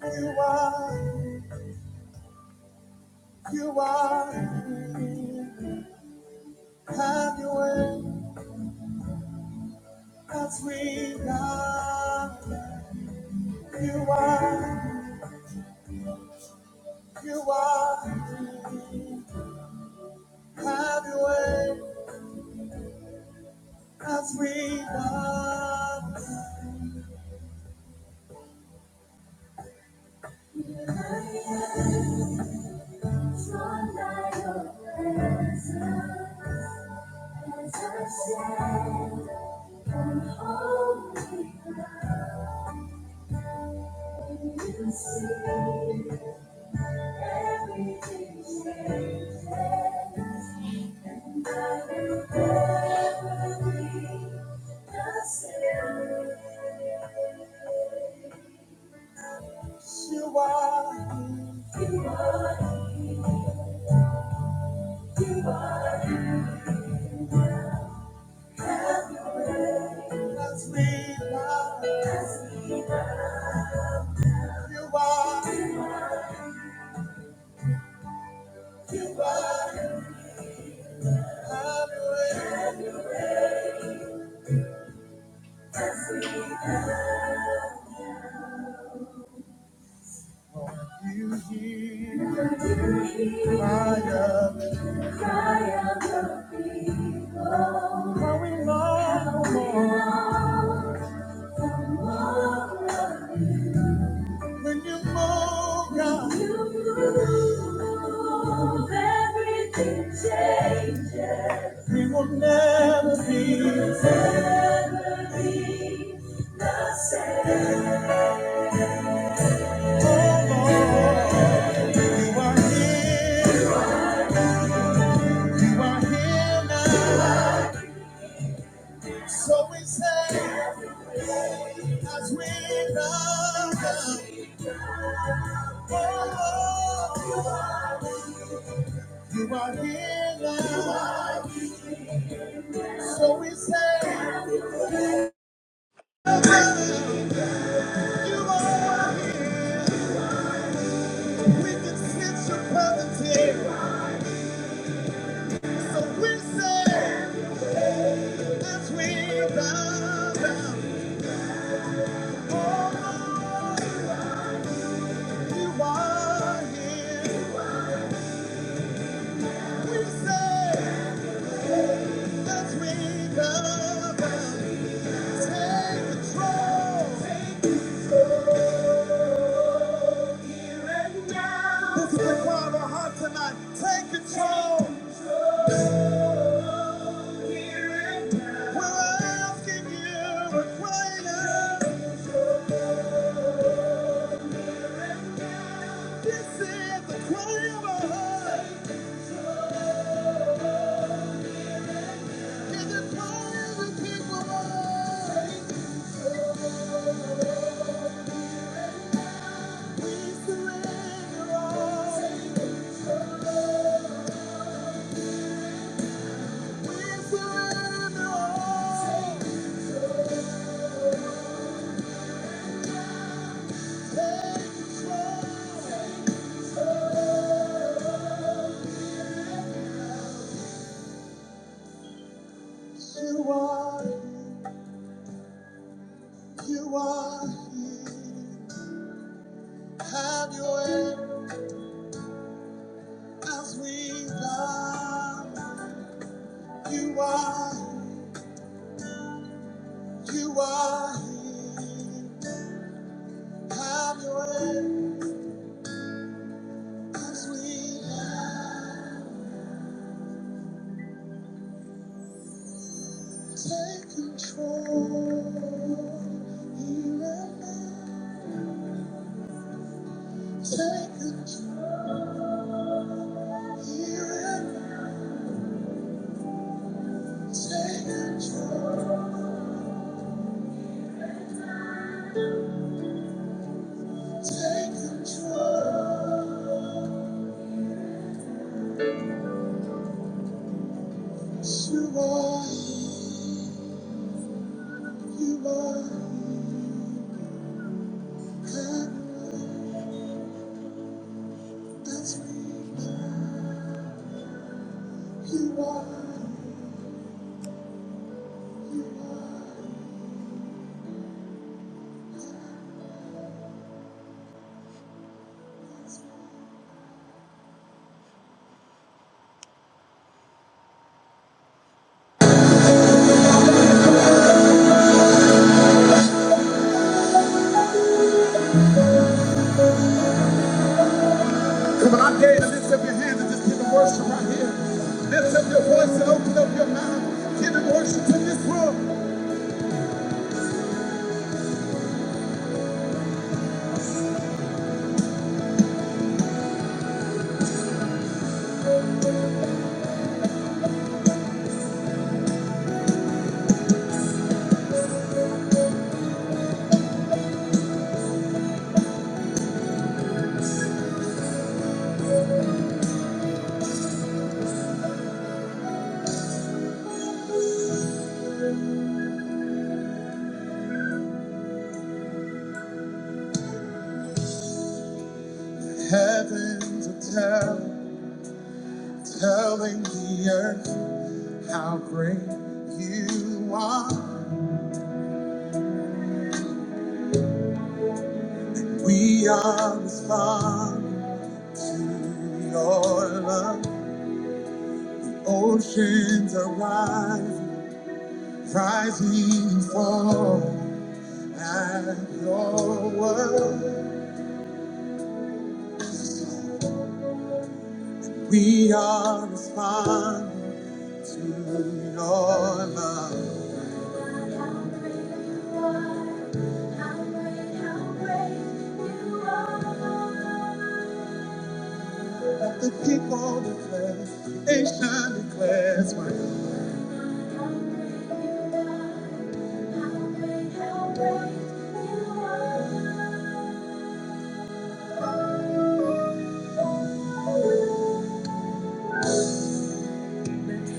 You are, you are, have your way as we now. You are, you are, have your way as we now. Drawn by your presence, as I stand on holy ground, you see. Everywhere. You hear the cry of the cry of the people. How we long for more. when you move, God. you move, everything changes. We will never be, never be the same. Oh Lord, you are here. You are here now, so we say, as we love you. Oh, you are here now, so we say, you are here. We can sense your presence here, so we say, as we love you, Oh, you are here. We say. Take control. We're asking you a prayer. This is the cry of our heart. Is it time to keep alive? We surrender all. We surrender all. You are, you are here. Have your way as we come. You are, you are here. Have your way as we come. Take control here and now. Take control here and now. Take control. Take control. You are, you are God that's real. You are, you are. Come on, I dare you to lift up your hands and just give him worship right here. Lift up your voice and open up your mouth. Give him worship in this room. Heavens are telling, telling the earth how great you are. We are responding to your love. Oceans are rising, rising and falling at your word. We are responding to your love. Let the people declare, nation declares, my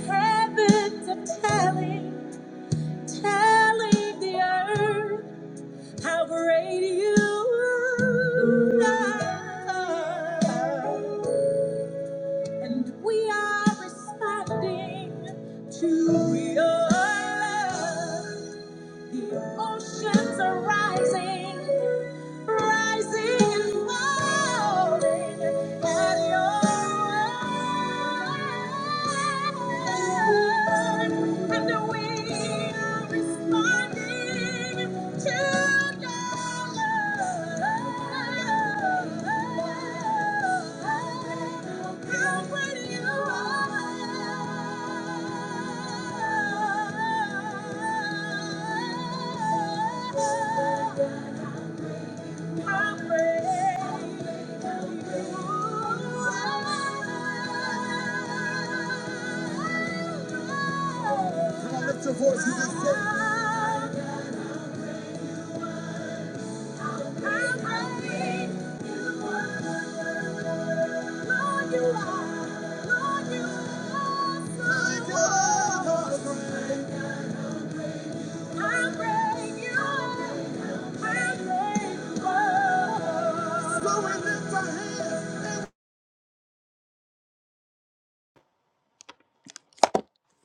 Habits of telling, telling the earth how great you are. And we are responding to your love. The oceans are rising, rising and falling at your word. And we are responding Lift your voice, you just say,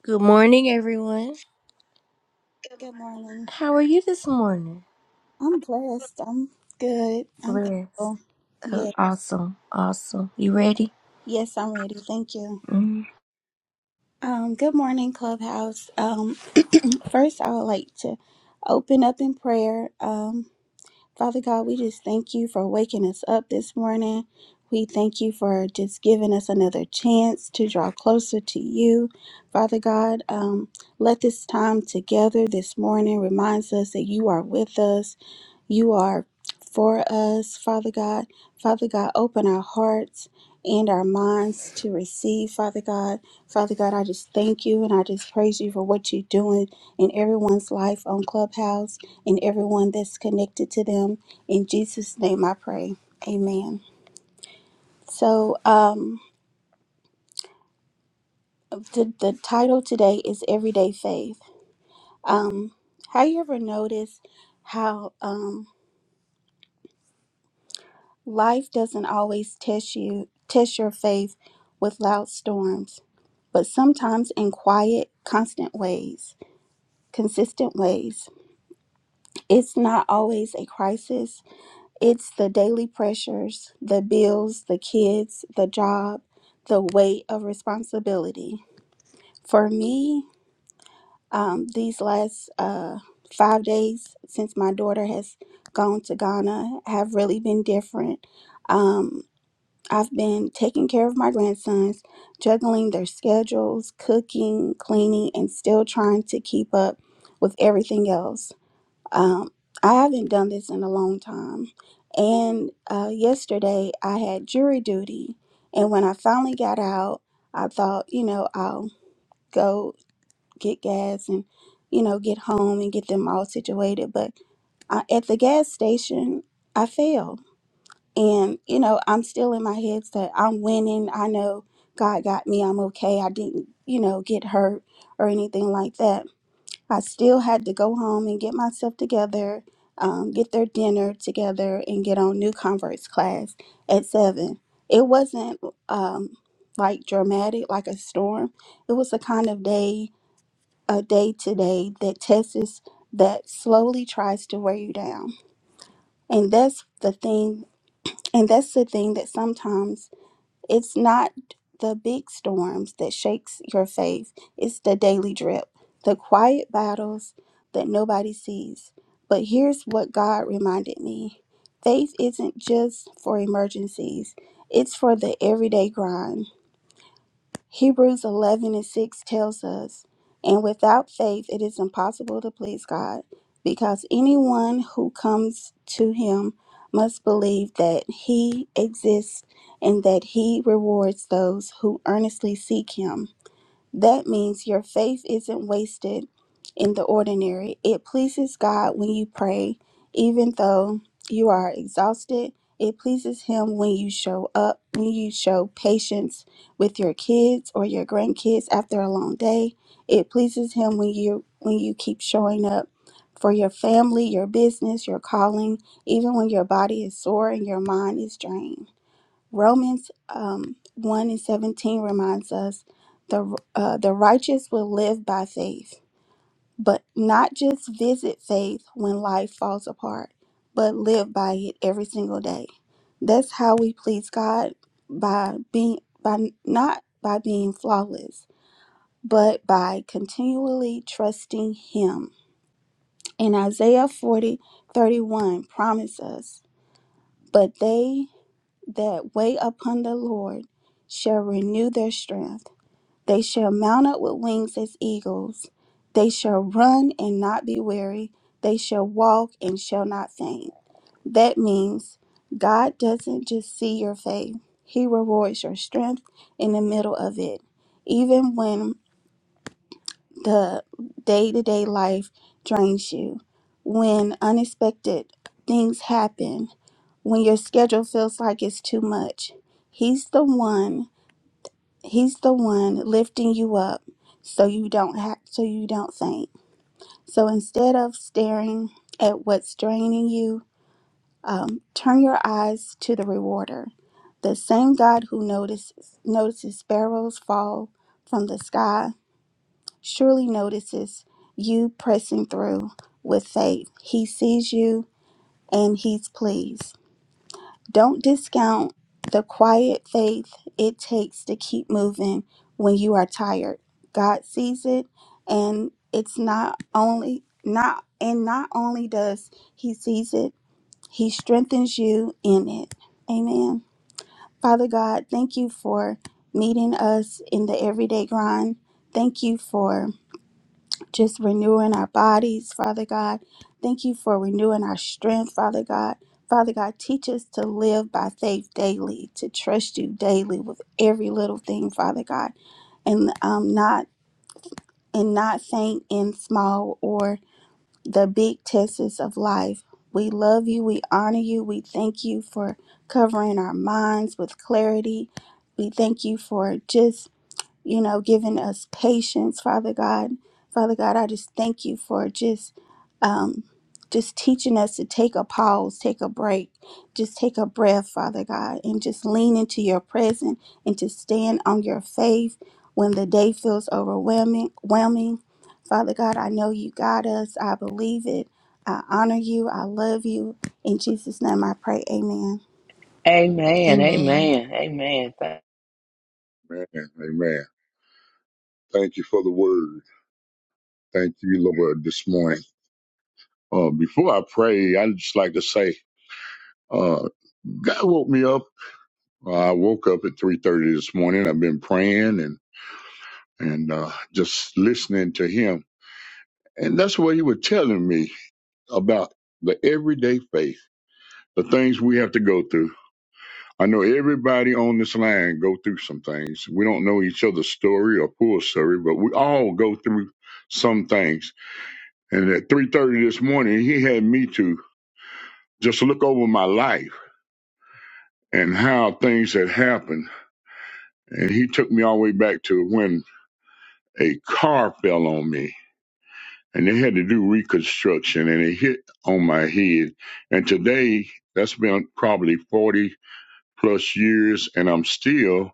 Good morning, everyone. Good morning. How are you this morning? I'm blessed. I'm good. I'm Blessed. thankful. Oh, Yes, awesome. Awesome. You ready? yes, I'm ready. Thank you. Mm. Um, good morning, Clubhouse. Um, first, I would like to open up in prayer. Um, Father God, we just thank you for waking us up this morning. We thank you for just giving us another chance to draw closer to you. Father God, um, let this time together this morning reminds us that you are with us. You are for us, Father God. Father God, open our hearts and our minds to receive, Father God. Father God, I just thank you and I just praise you for what you're doing in everyone's life on Clubhouse and everyone that's connected to them. In Jesus' name I pray. Amen. So, um, the, the title today is Everyday Faith. Um, have you ever noticed how um, life doesn't always test you, test your faith with loud storms, but sometimes in quiet, constant ways, consistent ways? It's not always a crisis, It's the daily pressures, the bills, the kids, the job, the weight of responsibility. For me, um, these last uh, five days since my daughter has gone to Ghana have really been different. Um, I've been taking care of my grandsons, juggling their schedules, cooking, cleaning, and still trying to keep up with everything else. Um, I haven't done this in a long time. And uh, yesterday I had jury duty. And when I finally got out, I thought, you know, I'll go get gas and, you know, get home and get them all situated. But I, at the gas station, I failed. And, you know, I'm still in my head that I'm winning. I know God got me. I'm okay. I didn't, you know, get hurt or anything like that I still had to go home and get myself together, um, get their dinner together, and get on New Converts class at seven. It wasn't um, like dramatic, like a storm. It was a kind of day, a day to day that tests that slowly tries to wear you down, and that's the thing. And that's the thing that sometimes it's not the big storms that shakes your faith. It's the daily drip, the quiet battles that nobody sees. But here's what God reminded me. Faith isn't just for emergencies. It's for the everyday grind Hebrews 11 and 6 tells us, And without faith it is impossible to please God, because anyone who comes to him must believe that he exists and that he rewards those who earnestly seek him. That means your faith isn't wasted in the ordinary. It pleases God when you pray, even though you are exhausted. It pleases Him when you show up, when you show patience with your kids or your grandkids after a long day. It pleases Him when you when you keep showing up for your family, your business, your calling, even when your body is sore and your mind is drained. Romans um, 1 and 17 reminds us the, uh, the righteous will live by faith, but not just visit faith when life falls apart, but live by it every single day. That's how we please God by being by not by being flawless, but by continually trusting him. And Isaiah 40 31 promises, but they that wait upon the Lord shall renew their strength. They shall mount up with wings as eagles. They shall run and not be weary. They shall walk and shall not faint. That means God doesn't just see your faith, He rewards your strength in the middle of it. Even when the day to day life drains you, when unexpected things happen, when your schedule feels like it's too much, He's the one, He's the one lifting you up so you don't have, so you don't faint. So instead of staring at what's draining you, um, turn your eyes to the rewarder, the same God who notices notices sparrows fall from the sky surely notices you pressing through with faith. He sees you and he's pleased. Don't discount the quiet faith it takes to keep moving when you are tired. God sees it and it's not only not and not only does he sees it, he strengthens you in it. Amen. Father God, thank you for meeting us in the everyday grind. Thank you for just renewing our bodies, Father God. Thank you for renewing our strength, Father God. Father God, teach us to live by faith daily, to trust you daily with every little thing, Father God, and um, not and not faint in small or the big tests of life. We love you. We honor you. We thank you for covering our minds with clarity. We thank you for just you know, giving us patience, Father God. Father God, I just thank you for just um just teaching us to take a pause, take a break, just take a breath, Father God, and just lean into your presence and to stand on your faith when the day feels overwhelming. Whelming. Father God, I know you got us. I believe it. I honor you. I love you. In Jesus' name I pray. Amen. Amen. Amen. Amen. Amen. Thank, Amen. Amen. Thank you for the word. Thank you, Lord, this morning. Uh, before I pray, I'd just like to say, uh, God woke me up. Uh, I woke up at 3.30 this morning. I've been praying and, and, uh, just listening to him. And that's what he was telling me about the everyday faith, the things we have to go through. I know everybody on this line go through some things. We don't know each other's story or full story, but we all go through some things And at 3.30 this morning, he had me to just look over my life and how things had happened. And he took me all the way back to when a car fell on me and they had to do reconstruction and it hit on my head. And today, that's been probably 40 plus years and I'm still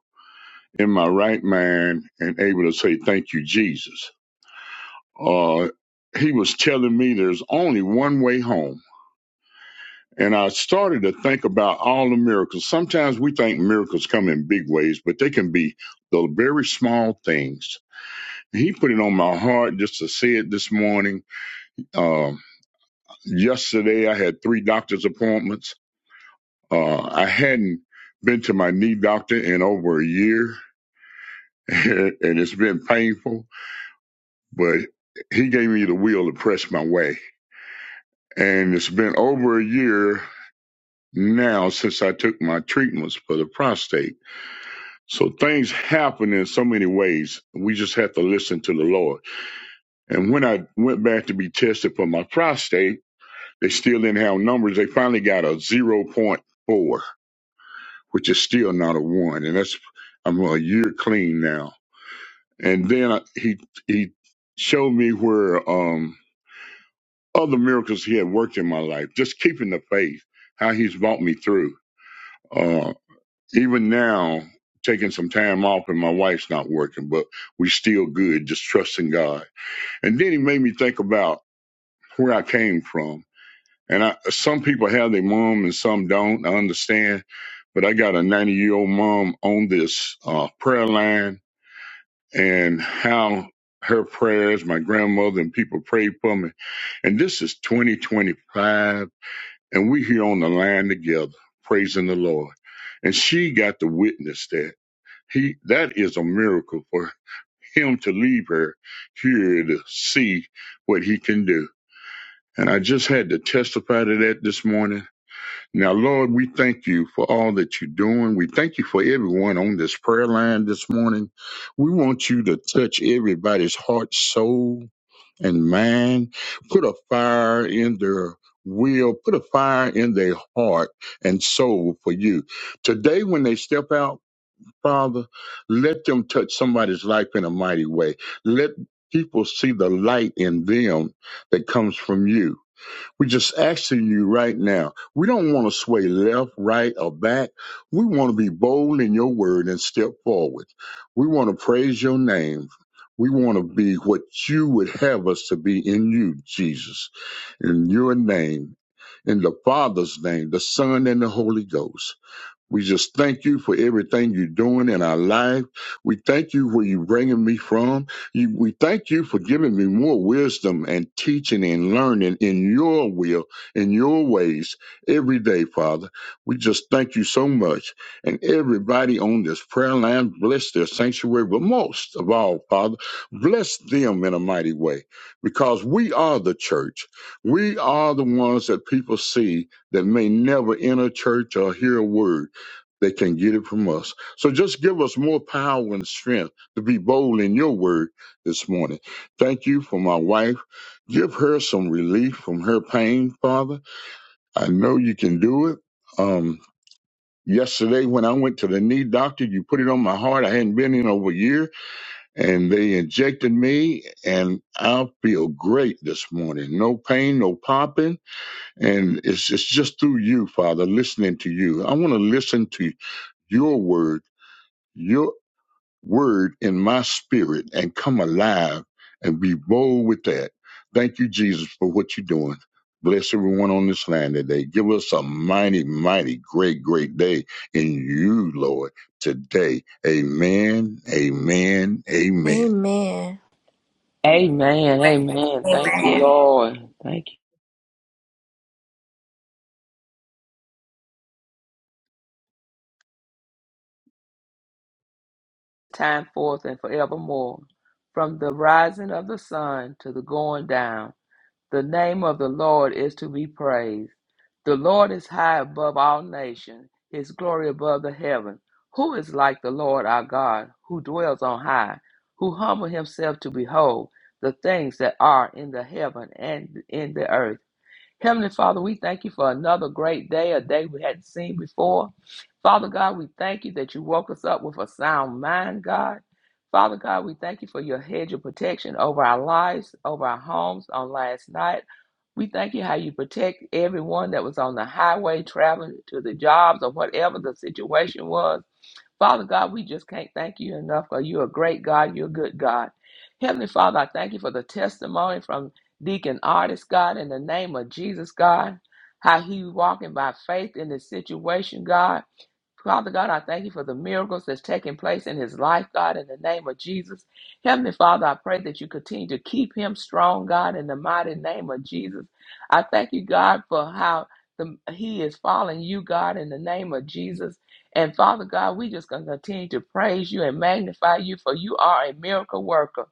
in my right mind and able to say, thank you, Jesus. Uh, he was telling me there's only one way home And I started to think about all the miracles. Sometimes we think miracles come in big ways, but they can be the very small things. He put it on my heart just to say it this morning. Um, yesterday, I had three doctor's appointments. Uh, I hadn't been to my knee doctor in over a year, and it's been painful, but he gave me the will to press my way. And it's been over a year now since I took my treatments for the prostate So things happen in so many ways. We just have to listen to the Lord. And when I went back to be tested for my prostate, they still didn't have numbers. They finally got a zero point 0.4, which is still not a one. And that's, I'm a year clean now. And then I, he, he showed me where, um, other miracles he had worked in my life, just keeping the faith, how he's brought me through. Um, Even now, taking some time off and my wife's not working, but we still good, just trusting God. And then he made me think about where I came from. And I, some people have their mom and some don't. I understand. But I got a 90 year old mom on this uh, prayer line and how her prayers, my grandmother and people prayed for me. And this is 2025, and we here on the line together, praising the Lord. And she got to witness that. He that is a miracle for him to leave her here to see what he can do. And I just had to testify to that this morning. Now, Lord, we thank you for all that you're doing. We thank you for everyone on this prayer line this morning. We want you to touch everybody's heart, soul, and mind. Put a fire in their will, put a fire in their heart and soul for you. Today, when they step out, Father, let them touch somebody's life in a mighty way. Let people see the light in them that comes from you. We just asking you right now. We don't want to sway left, right, or back. We want to be bold in your word and step forward. We want to praise your name. We want to be what you would have us to be in you, Jesus. In your name, in the Father's name, the Son, and the Holy Ghost. We just thank you for everything you're doing in our life. We thank you where you're bringing me from. You, we thank you for giving me more wisdom and teaching and learning in your will, in your ways every day, Father. We just thank you so much. And everybody on this prayer line, bless their sanctuary, but most of all, Father, bless them in a mighty way because we are the church. We are the ones that people see that may never enter church or hear a word they can get it from us. So just give us more power and strength to be bold in your word this morning. Thank you for my wife. Give her some relief from her pain, Father. I know you can do it. Um, yesterday when I went to the knee doctor, you put it on my heart. I hadn't been in over a year and they injected me and I feel great this morning. No pain, no popping. And it's, it's just through you, Father, listening to you. I want to listen to your word. your. word in my spirit and come alive and be bold with that. Thank you, Jesus, for what you're doing. Bless everyone on this land today. Give us a mighty, mighty, great, great day in you, Lord, today. Amen, amen, amen. Amen. amen. Amen. Amen. Thank you, Lord. Thank you. Time forth and forevermore. From the rising of the sun to the going down, the name of the Lord is to be praised. The Lord is high above all nations, his glory above the heaven. Who is like the Lord our God, who dwells on high, who humbled himself to behold the things that are in the heaven and in the earth? Heavenly Father, we thank you for another great day, a day we hadn't seen before. Father God, we thank you that you woke us up with a sound mind, God. Father God, we thank you for your hedge of protection over our lives, over our homes on last night. We thank you how you protect everyone that was on the highway traveling to the jobs or whatever the situation was. Father God, we just can't thank you enough for you're a great God, you're a good God. Heavenly Father, I thank you for the testimony from Deacon Artist, God, in the name of Jesus, God, how he walking by faith in this situation, God. Father God, I thank you for the miracles that's taking place in his life, God, in the name of Jesus. Heavenly Father, I pray that you continue to keep him strong, God, in the mighty name of Jesus. I thank you, God, for how the, he is following you, God, in the name of Jesus. And Father God, we just going to continue to praise you and magnify you, for you are a miracle worker.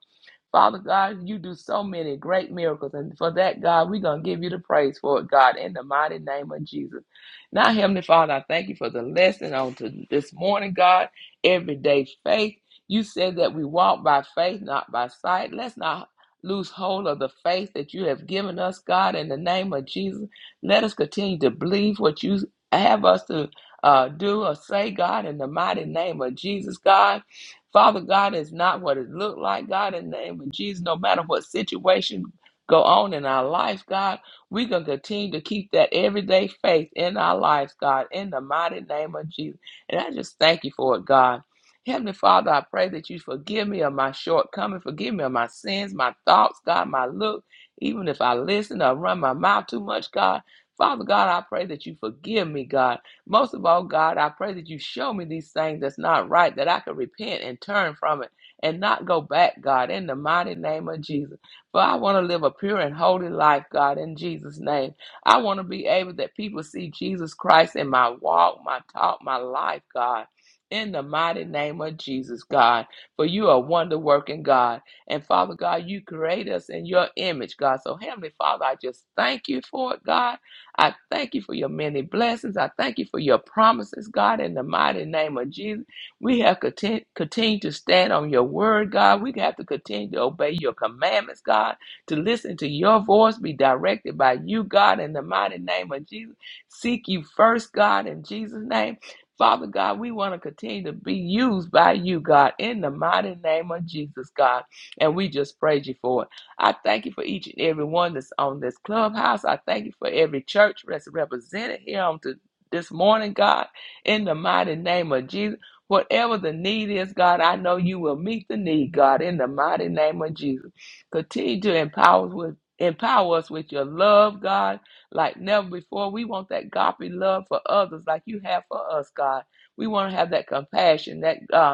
Father God, you do so many great miracles. And for that, God, we're going to give you the praise for it, God, in the mighty name of Jesus. Now, Heavenly Father, I thank you for the lesson on to this morning, God, everyday faith. You said that we walk by faith, not by sight. Let's not lose hold of the faith that you have given us, God, in the name of Jesus. Let us continue to believe what you have us to uh, do or say, God, in the mighty name of Jesus, God. Father God is not what it looked like, God, in the name of Jesus, no matter what situation go on in our life, God, we're going to continue to keep that everyday faith in our lives, God, in the mighty name of Jesus. And I just thank you for it, God. Heavenly Father, I pray that you forgive me of my shortcomings, forgive me of my sins, my thoughts, God, my look, even if I listen or run my mouth too much, God. Father God, I pray that you forgive me, God. Most of all, God, I pray that you show me these things that's not right, that I can repent and turn from it and not go back, God, in the mighty name of Jesus. For I want to live a pure and holy life, God, in Jesus' name. I want to be able that people see Jesus Christ in my walk, my talk, my life, God. In the mighty name of Jesus, God, for you are wonder working God. And Father God, you create us in your image, God. So, Heavenly Father, I just thank you for it, God. I thank you for your many blessings. I thank you for your promises, God, in the mighty name of Jesus. We have content, continued to stand on your word, God. We have to continue to obey your commandments, God, to listen to your voice, be directed by you, God, in the mighty name of Jesus. Seek you first, God, in Jesus' name. Father God, we want to continue to be used by you, God, in the mighty name of Jesus, God. And we just praise you for it. I thank you for each and every one that's on this clubhouse. I thank you for every church that's represented here on to this morning, God, in the mighty name of Jesus. Whatever the need is, God, I know you will meet the need, God, in the mighty name of Jesus. Continue to empower us with empower us with your love, God, like never before. We want that godly love for others like you have for us, God. We want to have that compassion, that uh,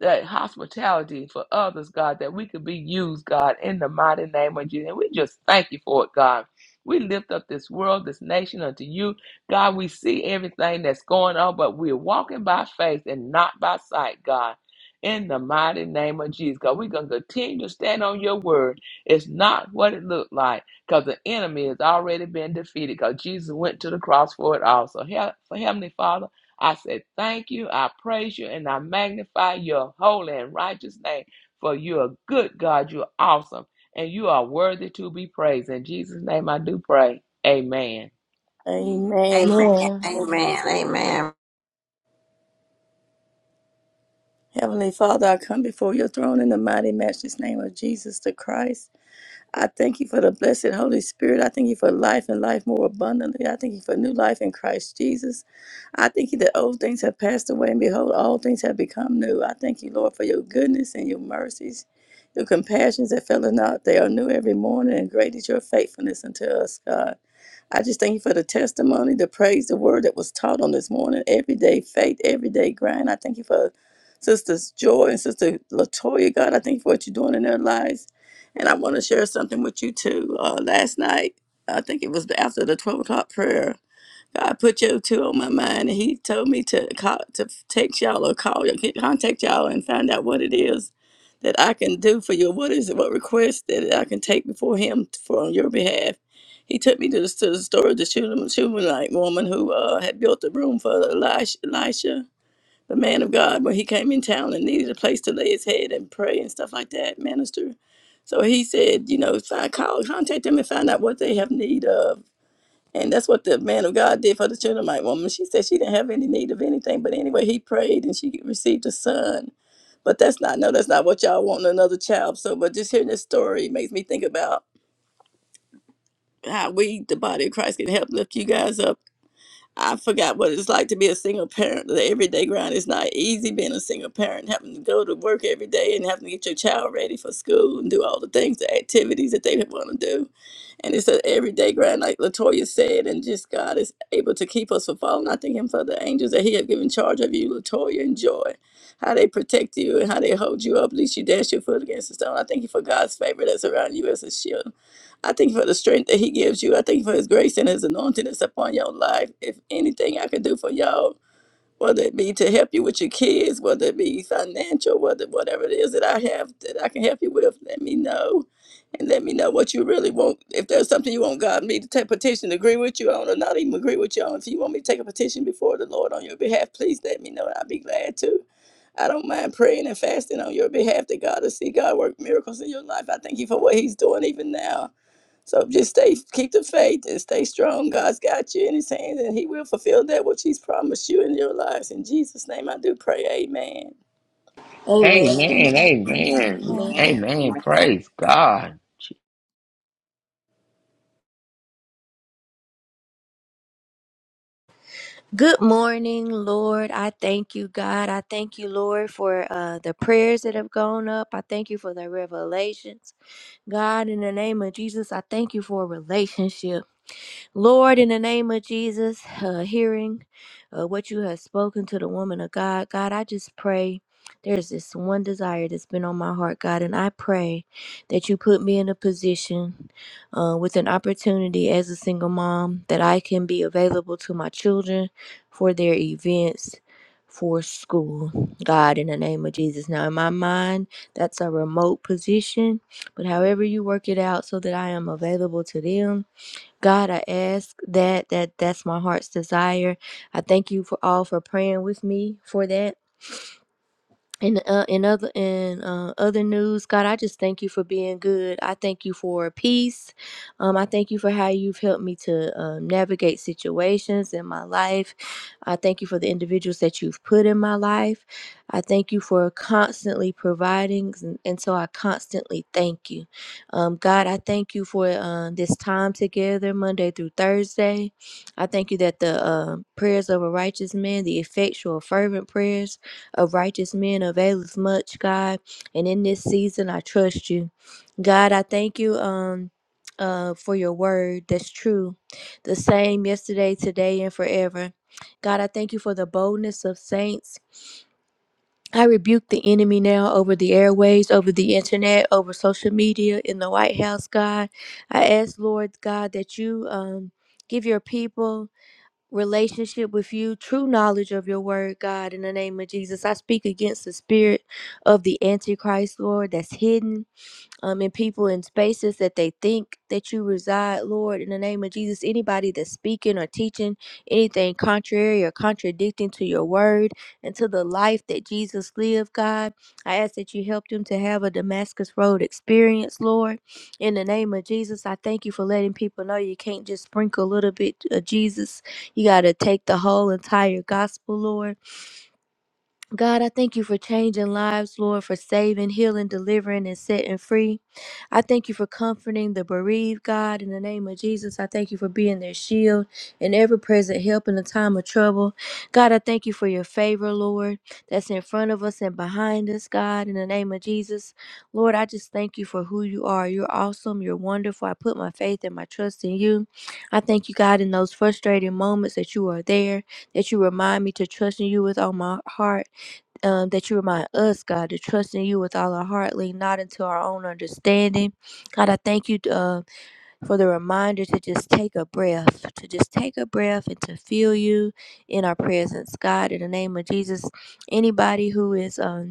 that hospitality for others, God, that we could be used, God, in the mighty name of Jesus. And we just thank you for it, God. We lift up this world, this nation unto you. God, we see everything that's going on, but we're walking by faith and not by sight, God. In the mighty name of Jesus, God, we're going to continue to stand on your word. It's not what it looked like because the enemy has already been defeated because Jesus went to the cross for it also. Hea- Heavenly Father, I said, Thank you. I praise you and I magnify your holy and righteous name. For you are good, God. You're awesome. And you are worthy to be praised. In Jesus' name I do pray. Amen. Amen. Amen. Amen. Amen. Amen. Amen. Amen. Heavenly Father, I come before your throne in the mighty matchless name of Jesus the Christ. I thank you for the blessed Holy Spirit. I thank you for life and life more abundantly. I thank you for new life in Christ Jesus. I thank you that old things have passed away, and behold, all things have become new. I thank you, Lord, for your goodness and your mercies, your compassions that fail not. They are new every morning, and great is your faithfulness unto us, God. I just thank you for the testimony, the praise, the word that was taught on this morning. Everyday faith, everyday grind. I thank you for Sisters Joy and Sister Latoya. God, I thank you for what you're doing in their lives. And I want to share something with you too. Uh, last night, I think it was after the 12 o'clock prayer. God put your two on my mind, and He told me to call, to text y'all or call, get- contact y'all, and find out what it is that I can do for you. What is it? What request that I can take before Him for on your behalf? He took me to the, to the story of the Shunem- Shunammite woman who uh, had built a room for Elisha, Elisha, the man of God, when he came in town and needed a place to lay his head and pray and stuff like that, minister. So he said, you know, find, call, contact them and find out what they have need of and that's what the man of God did for the Shunammite woman. She said she didn't have any need of anything. But anyway, he prayed and she received a son. But that's not, no, that's not what y'all want another child. So, but just hearing this story makes me think about how we, the body of Christ, can help lift you guys up I forgot what it's like to be a single parent. The everyday grind is not easy being a single parent, having to go to work every day and having to get your child ready for school and do all the things, the activities that they want to do. And it's an everyday grind, like Latoya said, and just God is able to keep us from falling. I thank Him for the angels that He have given charge of you, Latoya and Joy, how they protect you and how they hold you up, lest you dash your foot against the stone. I thank you for God's favor that's around you as a shield I thank you for the strength that He gives you. I thank you for His grace and His anointing that's upon your life. If anything I can do for y'all, whether it be to help you with your kids, whether it be financial, whether whatever it is that I have that I can help you with, let me know. And let me know what you really want. If there's something you want God me to take petition, to agree with you on, or not even agree with you on, if you want me to take a petition before the Lord on your behalf, please let me know. and I'll be glad to. I don't mind praying and fasting on your behalf that God will see God work miracles in your life. I thank you for what He's doing even now. So just stay, keep the faith and stay strong. God's got you in his hands and he will fulfill that which he's promised you in your lives. In Jesus' name I do pray. Amen. Amen. Amen. Amen. Amen. Amen. Amen. Amen. Amen. Praise God. Good morning, Lord. I thank you, God. I thank you, Lord, for uh, the prayers that have gone up. I thank you for the revelations. God, in the name of Jesus, I thank you for relationships. Lord, in the name of Jesus, uh, hearing uh, what you have spoken to the woman of God, God, I just pray. There's this one desire that's been on my heart, God, and I pray that you put me in a position uh, with an opportunity as a single mom that I can be available to my children for their events for school. God, in the name of Jesus. Now, in my mind, that's a remote position, but however you work it out so that I am available to them God, I ask that that that's my heart's desire. I thank you for all for praying with me for that. In uh, in other in uh, other news, God, I just thank you for being good. I thank you for peace. Um, I thank you for how you've helped me to um, navigate situations in my life. I thank you for the individuals that you've put in my life. I thank you for constantly providing, and, and so I constantly thank you, um, God. I thank you for uh, this time together, Monday through Thursday. I thank you that the uh, prayers of a righteous man, the effectual, fervent prayers a righteous man availeth much, God. And in this season, I trust you. God, I thank you um uh for your word that's true. The same yesterday, today, and forever. God, I thank you for the boldness of saints. I rebuke the enemy now over the airways, over the internet, over social media, in the White House, God. I ask, Lord God, that you um give your people relationship with you, true knowledge of your word, God, in the name of Jesus. I speak against the spirit of the Antichrist, Lord, that's hidden um, and people in spaces that they think that you reside, Lord, in the name of Jesus. Anybody that's speaking or teaching anything contrary or contradicting to your word and to the life that Jesus lived, God, I ask that you help them to have a Damascus Road experience, Lord. In the name of Jesus, I thank you for letting people know you can't just sprinkle a little bit of Jesus. You got to take the whole entire gospel, Lord. God, I thank you for changing lives, Lord, for saving, healing, delivering, and setting free. I thank you for comforting the bereaved, God, in the name of Jesus. I thank you for being their shield and ever present help in a time of trouble. God, I thank you for your favor, Lord, that's in front of us and behind us, God, in the name of Jesus. Lord, I just thank you for who you are. You're awesome. You're wonderful. I put my faith and my trust in you. I thank you, God, in those frustrating moments that you are there, that you remind me to trust in you with all my heart um, that you remind us, God, to trust in you with all our heart, lean not into our own understanding. God, I thank you uh, for the reminder to just take a breath, to just take a breath and to feel you in our presence. God, in the name of Jesus, anybody who is. Um,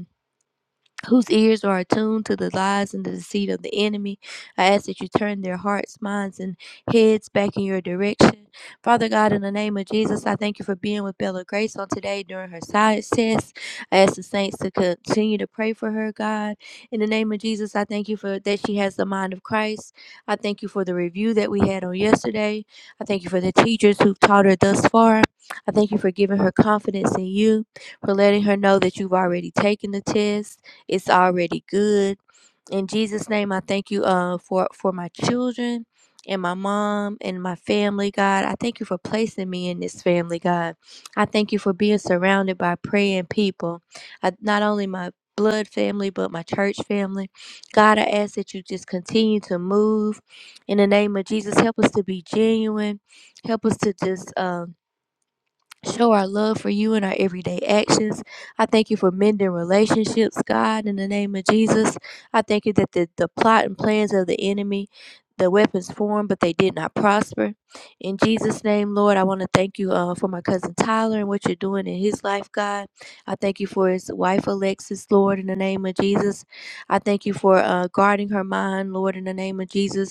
whose ears are attuned to the lies and the deceit of the enemy. I ask that you turn their hearts, minds, and heads back in your direction. Father God, in the name of Jesus, I thank you for being with Bella Grace on today during her science test. I ask the saints to continue to pray for her, God. In the name of Jesus, I thank you for that she has the mind of Christ. I thank you for the review that we had on yesterday. I thank you for the teachers who've taught her thus far. I thank you for giving her confidence in you, for letting her know that you've already taken the test. It's already good. In Jesus' name, I thank you uh, for, for my children and my mom and my family, God. I thank you for placing me in this family, God. I thank you for being surrounded by praying people, I, not only my blood family, but my church family. God, I ask that you just continue to move in the name of Jesus. Help us to be genuine. Help us to just. Um, Show our love for you in our everyday actions. I thank you for mending relationships, God, in the name of Jesus. I thank you that the, the plot and plans of the enemy, the weapons formed, but they did not prosper. In Jesus' name, Lord, I want to thank you uh, for my cousin Tyler and what you're doing in his life, God. I thank you for his wife, Alexis, Lord, in the name of Jesus. I thank you for uh, guarding her mind, Lord, in the name of Jesus.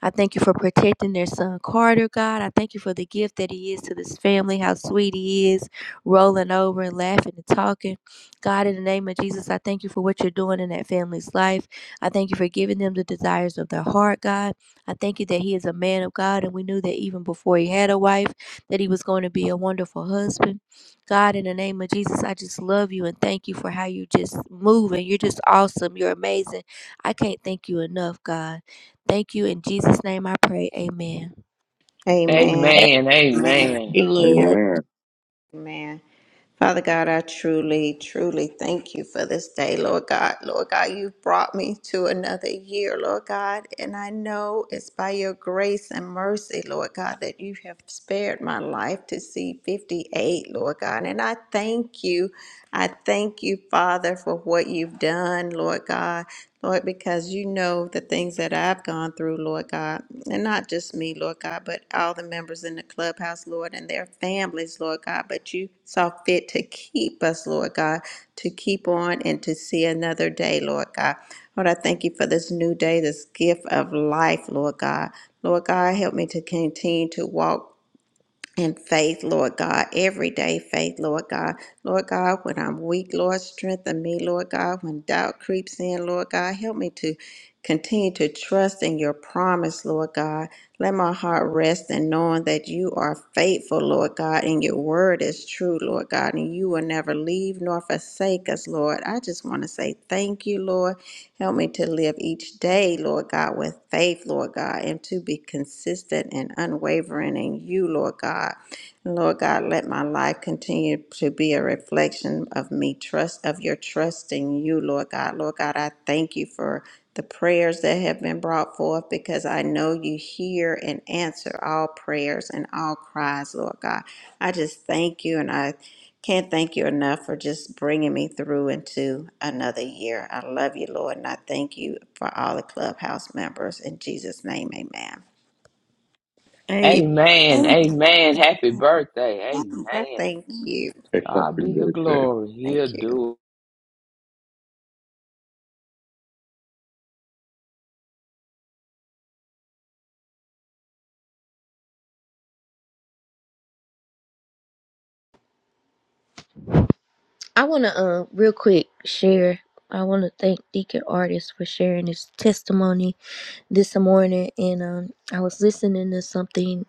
I thank you for protecting their son Carter, God. I thank you for the gift that he is to this family, how sweet he is, rolling over and laughing and talking. God, in the name of Jesus, I thank you for what you're doing in that family's life. I thank you for giving them the desires of their heart, God. I thank you that he is a man of God, and we knew that even before he had a wife, that he was going to be a wonderful husband. God, in the name of Jesus, I just love you and thank you for how you just move and you're just awesome. You're amazing. I can't thank you enough, God. Thank you. In Jesus' name I pray. Amen. Amen. Thank Amen. Amen. Amen. Amen. you, Lord. Amen. Amen. Father God, I truly, truly thank you for this day, Lord God. Lord God, you brought me to another year, Lord God, and I know it's by your grace and mercy, Lord God, that you have spared my life to see 58, Lord God. And I thank you. I thank you, Father, for what you've done, Lord God. Lord, because you know the things that I've gone through, Lord God, and not just me, Lord God, but all the members in the clubhouse, Lord, and their families, Lord God. But you saw fit to keep us, Lord God, to keep on and to see another day, Lord God. Lord, I thank you for this new day, this gift of life, Lord God. Lord God, help me to continue to walk and faith, Lord God, everyday faith, Lord God. Lord God, when I'm weak, Lord, strengthen me, Lord God. When doubt creeps in, Lord God, help me to continue to trust in your promise, Lord God. Let my heart rest in knowing that you are faithful faithful, Lord God, and your word is true, Lord God, and you will never leave nor forsake us, Lord. I just want to say thank you, Lord. Help me to live each day, Lord God, with faith, Lord God, and to be consistent and unwavering in you, Lord God. Lord God, let my life continue to be a reflection of me trust of your trust in you, Lord God. Lord God, I thank you for the prayers that have been brought forth because I know you hear and answer all prayers and all cries, Lord God. I just thank you and I can't thank you enough for just bringing me through into another year. I love you, Lord, and I thank you for all the clubhouse members. In Jesus' name, amen. Amen. Amen. Amen. Amen. Happy birthday. Happy Amen. Thank birthday. you. God be the glory. He'll Thank you. do it. I want to, uh, real quick, share. I want to thank Deacon Artist for sharing his testimony this morning. And um, I was listening to something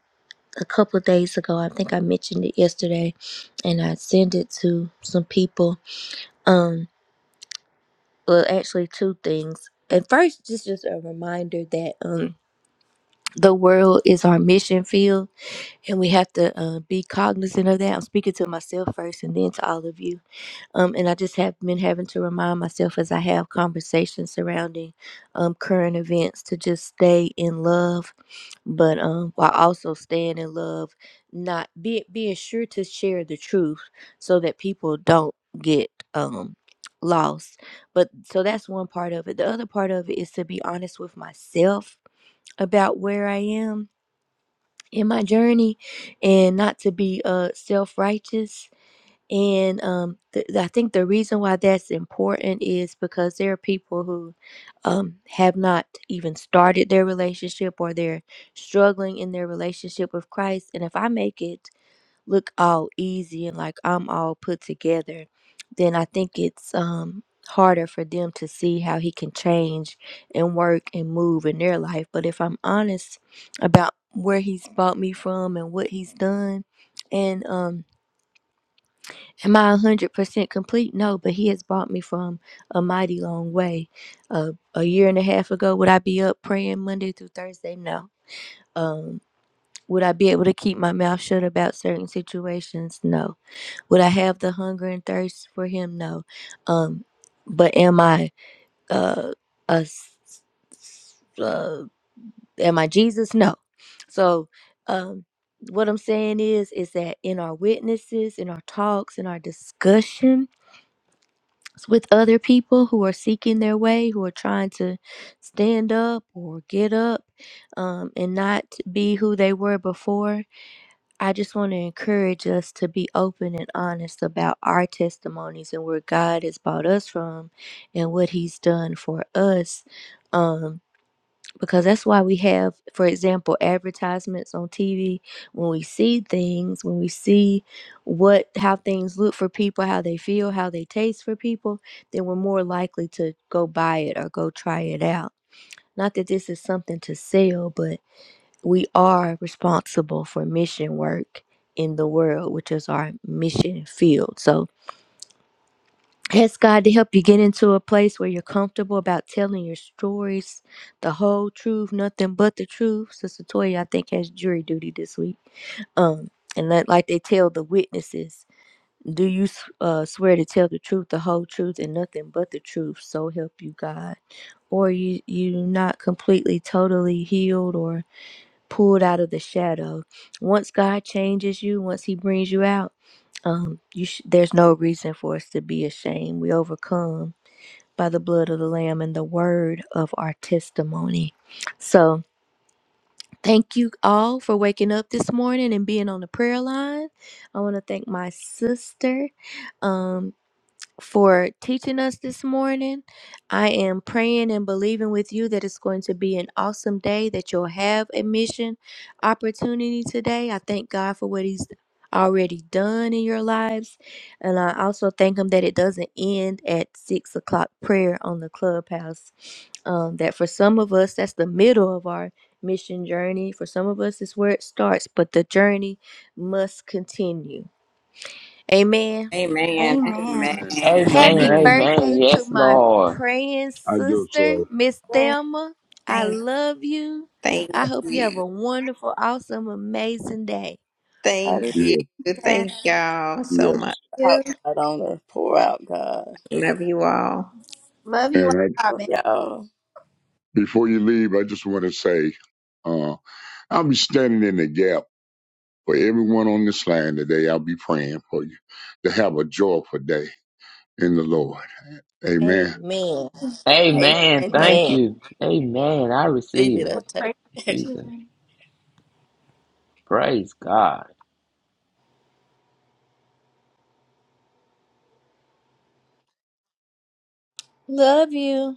a couple of days ago. I think I mentioned it yesterday, and I sent it to some people. Um, well, actually, two things. And first, just just a reminder that um, the world is our mission field, and we have to uh, be cognizant of that. I'm speaking to myself first, and then to all of you Um, and I just have been having to remind myself as I have conversations surrounding um, current events to just stay in love, but um, while also staying in love, not be, being sure to share the truth so that people don't get um, lost. But so that's one part of it. The other part of it is to be honest with myself about where I am in my journey and not to be uh, self righteous and um, th- I think the reason why that's important is because there are people who um, have not even started their relationship or they're struggling in their relationship with Christ. And if I make it look all easy and like I'm all put together, then I think it's um, harder for them to see how He can change and work and move in their life. But if I'm honest about where He's brought me from and what He's done, and um, Am I a hundred percent complete? No, but he has brought me from a mighty long way. Uh, a year and a half ago, would I be up praying Monday through Thursday? No. Um, would I be able to keep my mouth shut about certain situations? No. Would I have the hunger and thirst for him? No. Um, but am I uh, a s- s- uh, am I Jesus? No. So, um, what I'm saying is, is that in our witnesses, in our talks, in our discussion with other people who are seeking their way, who are trying to stand up or get up um, and not be who they were before. I just want to encourage us to be open and honest about our testimonies and where God has brought us from and what He's done for us. Um, because that's why we have for example advertisements on TV when we see things when we see what how things look for people how they feel how they taste for people then we're more likely to go buy it or go try it out not that this is something to sell but we are responsible for mission work in the world which is our mission field so Ask God to help you get into a place where you're comfortable about telling your stories, the whole truth, nothing but the truth. Sister Toya, I think, has jury duty this week. Um, and that, like they tell the witnesses, do you s- uh, swear to tell the truth, the whole truth, and nothing but the truth? So help you God. Or you you not completely, totally healed, or pulled out of the shadow. Once God changes you, once He brings you out, um, you sh- there's no reason for us to be ashamed. We overcome by the blood of the Lamb and the word of our testimony. So, thank you all for waking up this morning and being on the prayer line. I want to thank my sister. Um, for teaching us this morning. I am praying and believing with you that it's going to be an awesome day, that you'll have a mission opportunity today. I thank God for what He's already done in your lives. And I also thank Him that it doesn't end at six o'clock prayer on the clubhouse. Um, that for some of us, that's the middle of our mission journey. For some of us, it's where it starts, but the journey must continue. Amen. Amen. Amen. Amen. Amen. Happy Amen. Amen. Amen. birthday to Yes, my Lord. praying I just, sister, uh, Miss Yes, Thelma. I Thank, love you. thank I hope you have you. a wonderful, awesome, amazing day. Pour Thank you. yeah, yes. Thank y'all so yes. much. Out You. God on her. Pour out God. Love you all. Love you, And I, Robin. Y'all. before you leave, I just want to say, uh, I'll be standing in the gap For everyone on this line today, I'll be praying for you to have a joyful day in the Lord. Amen. Amen. Amen. Amen. Thank Amen. you. Thank Amen. you. Amen. I receive Stevie, it. that Pray take. for you too. Jesus. Praise God. Love you.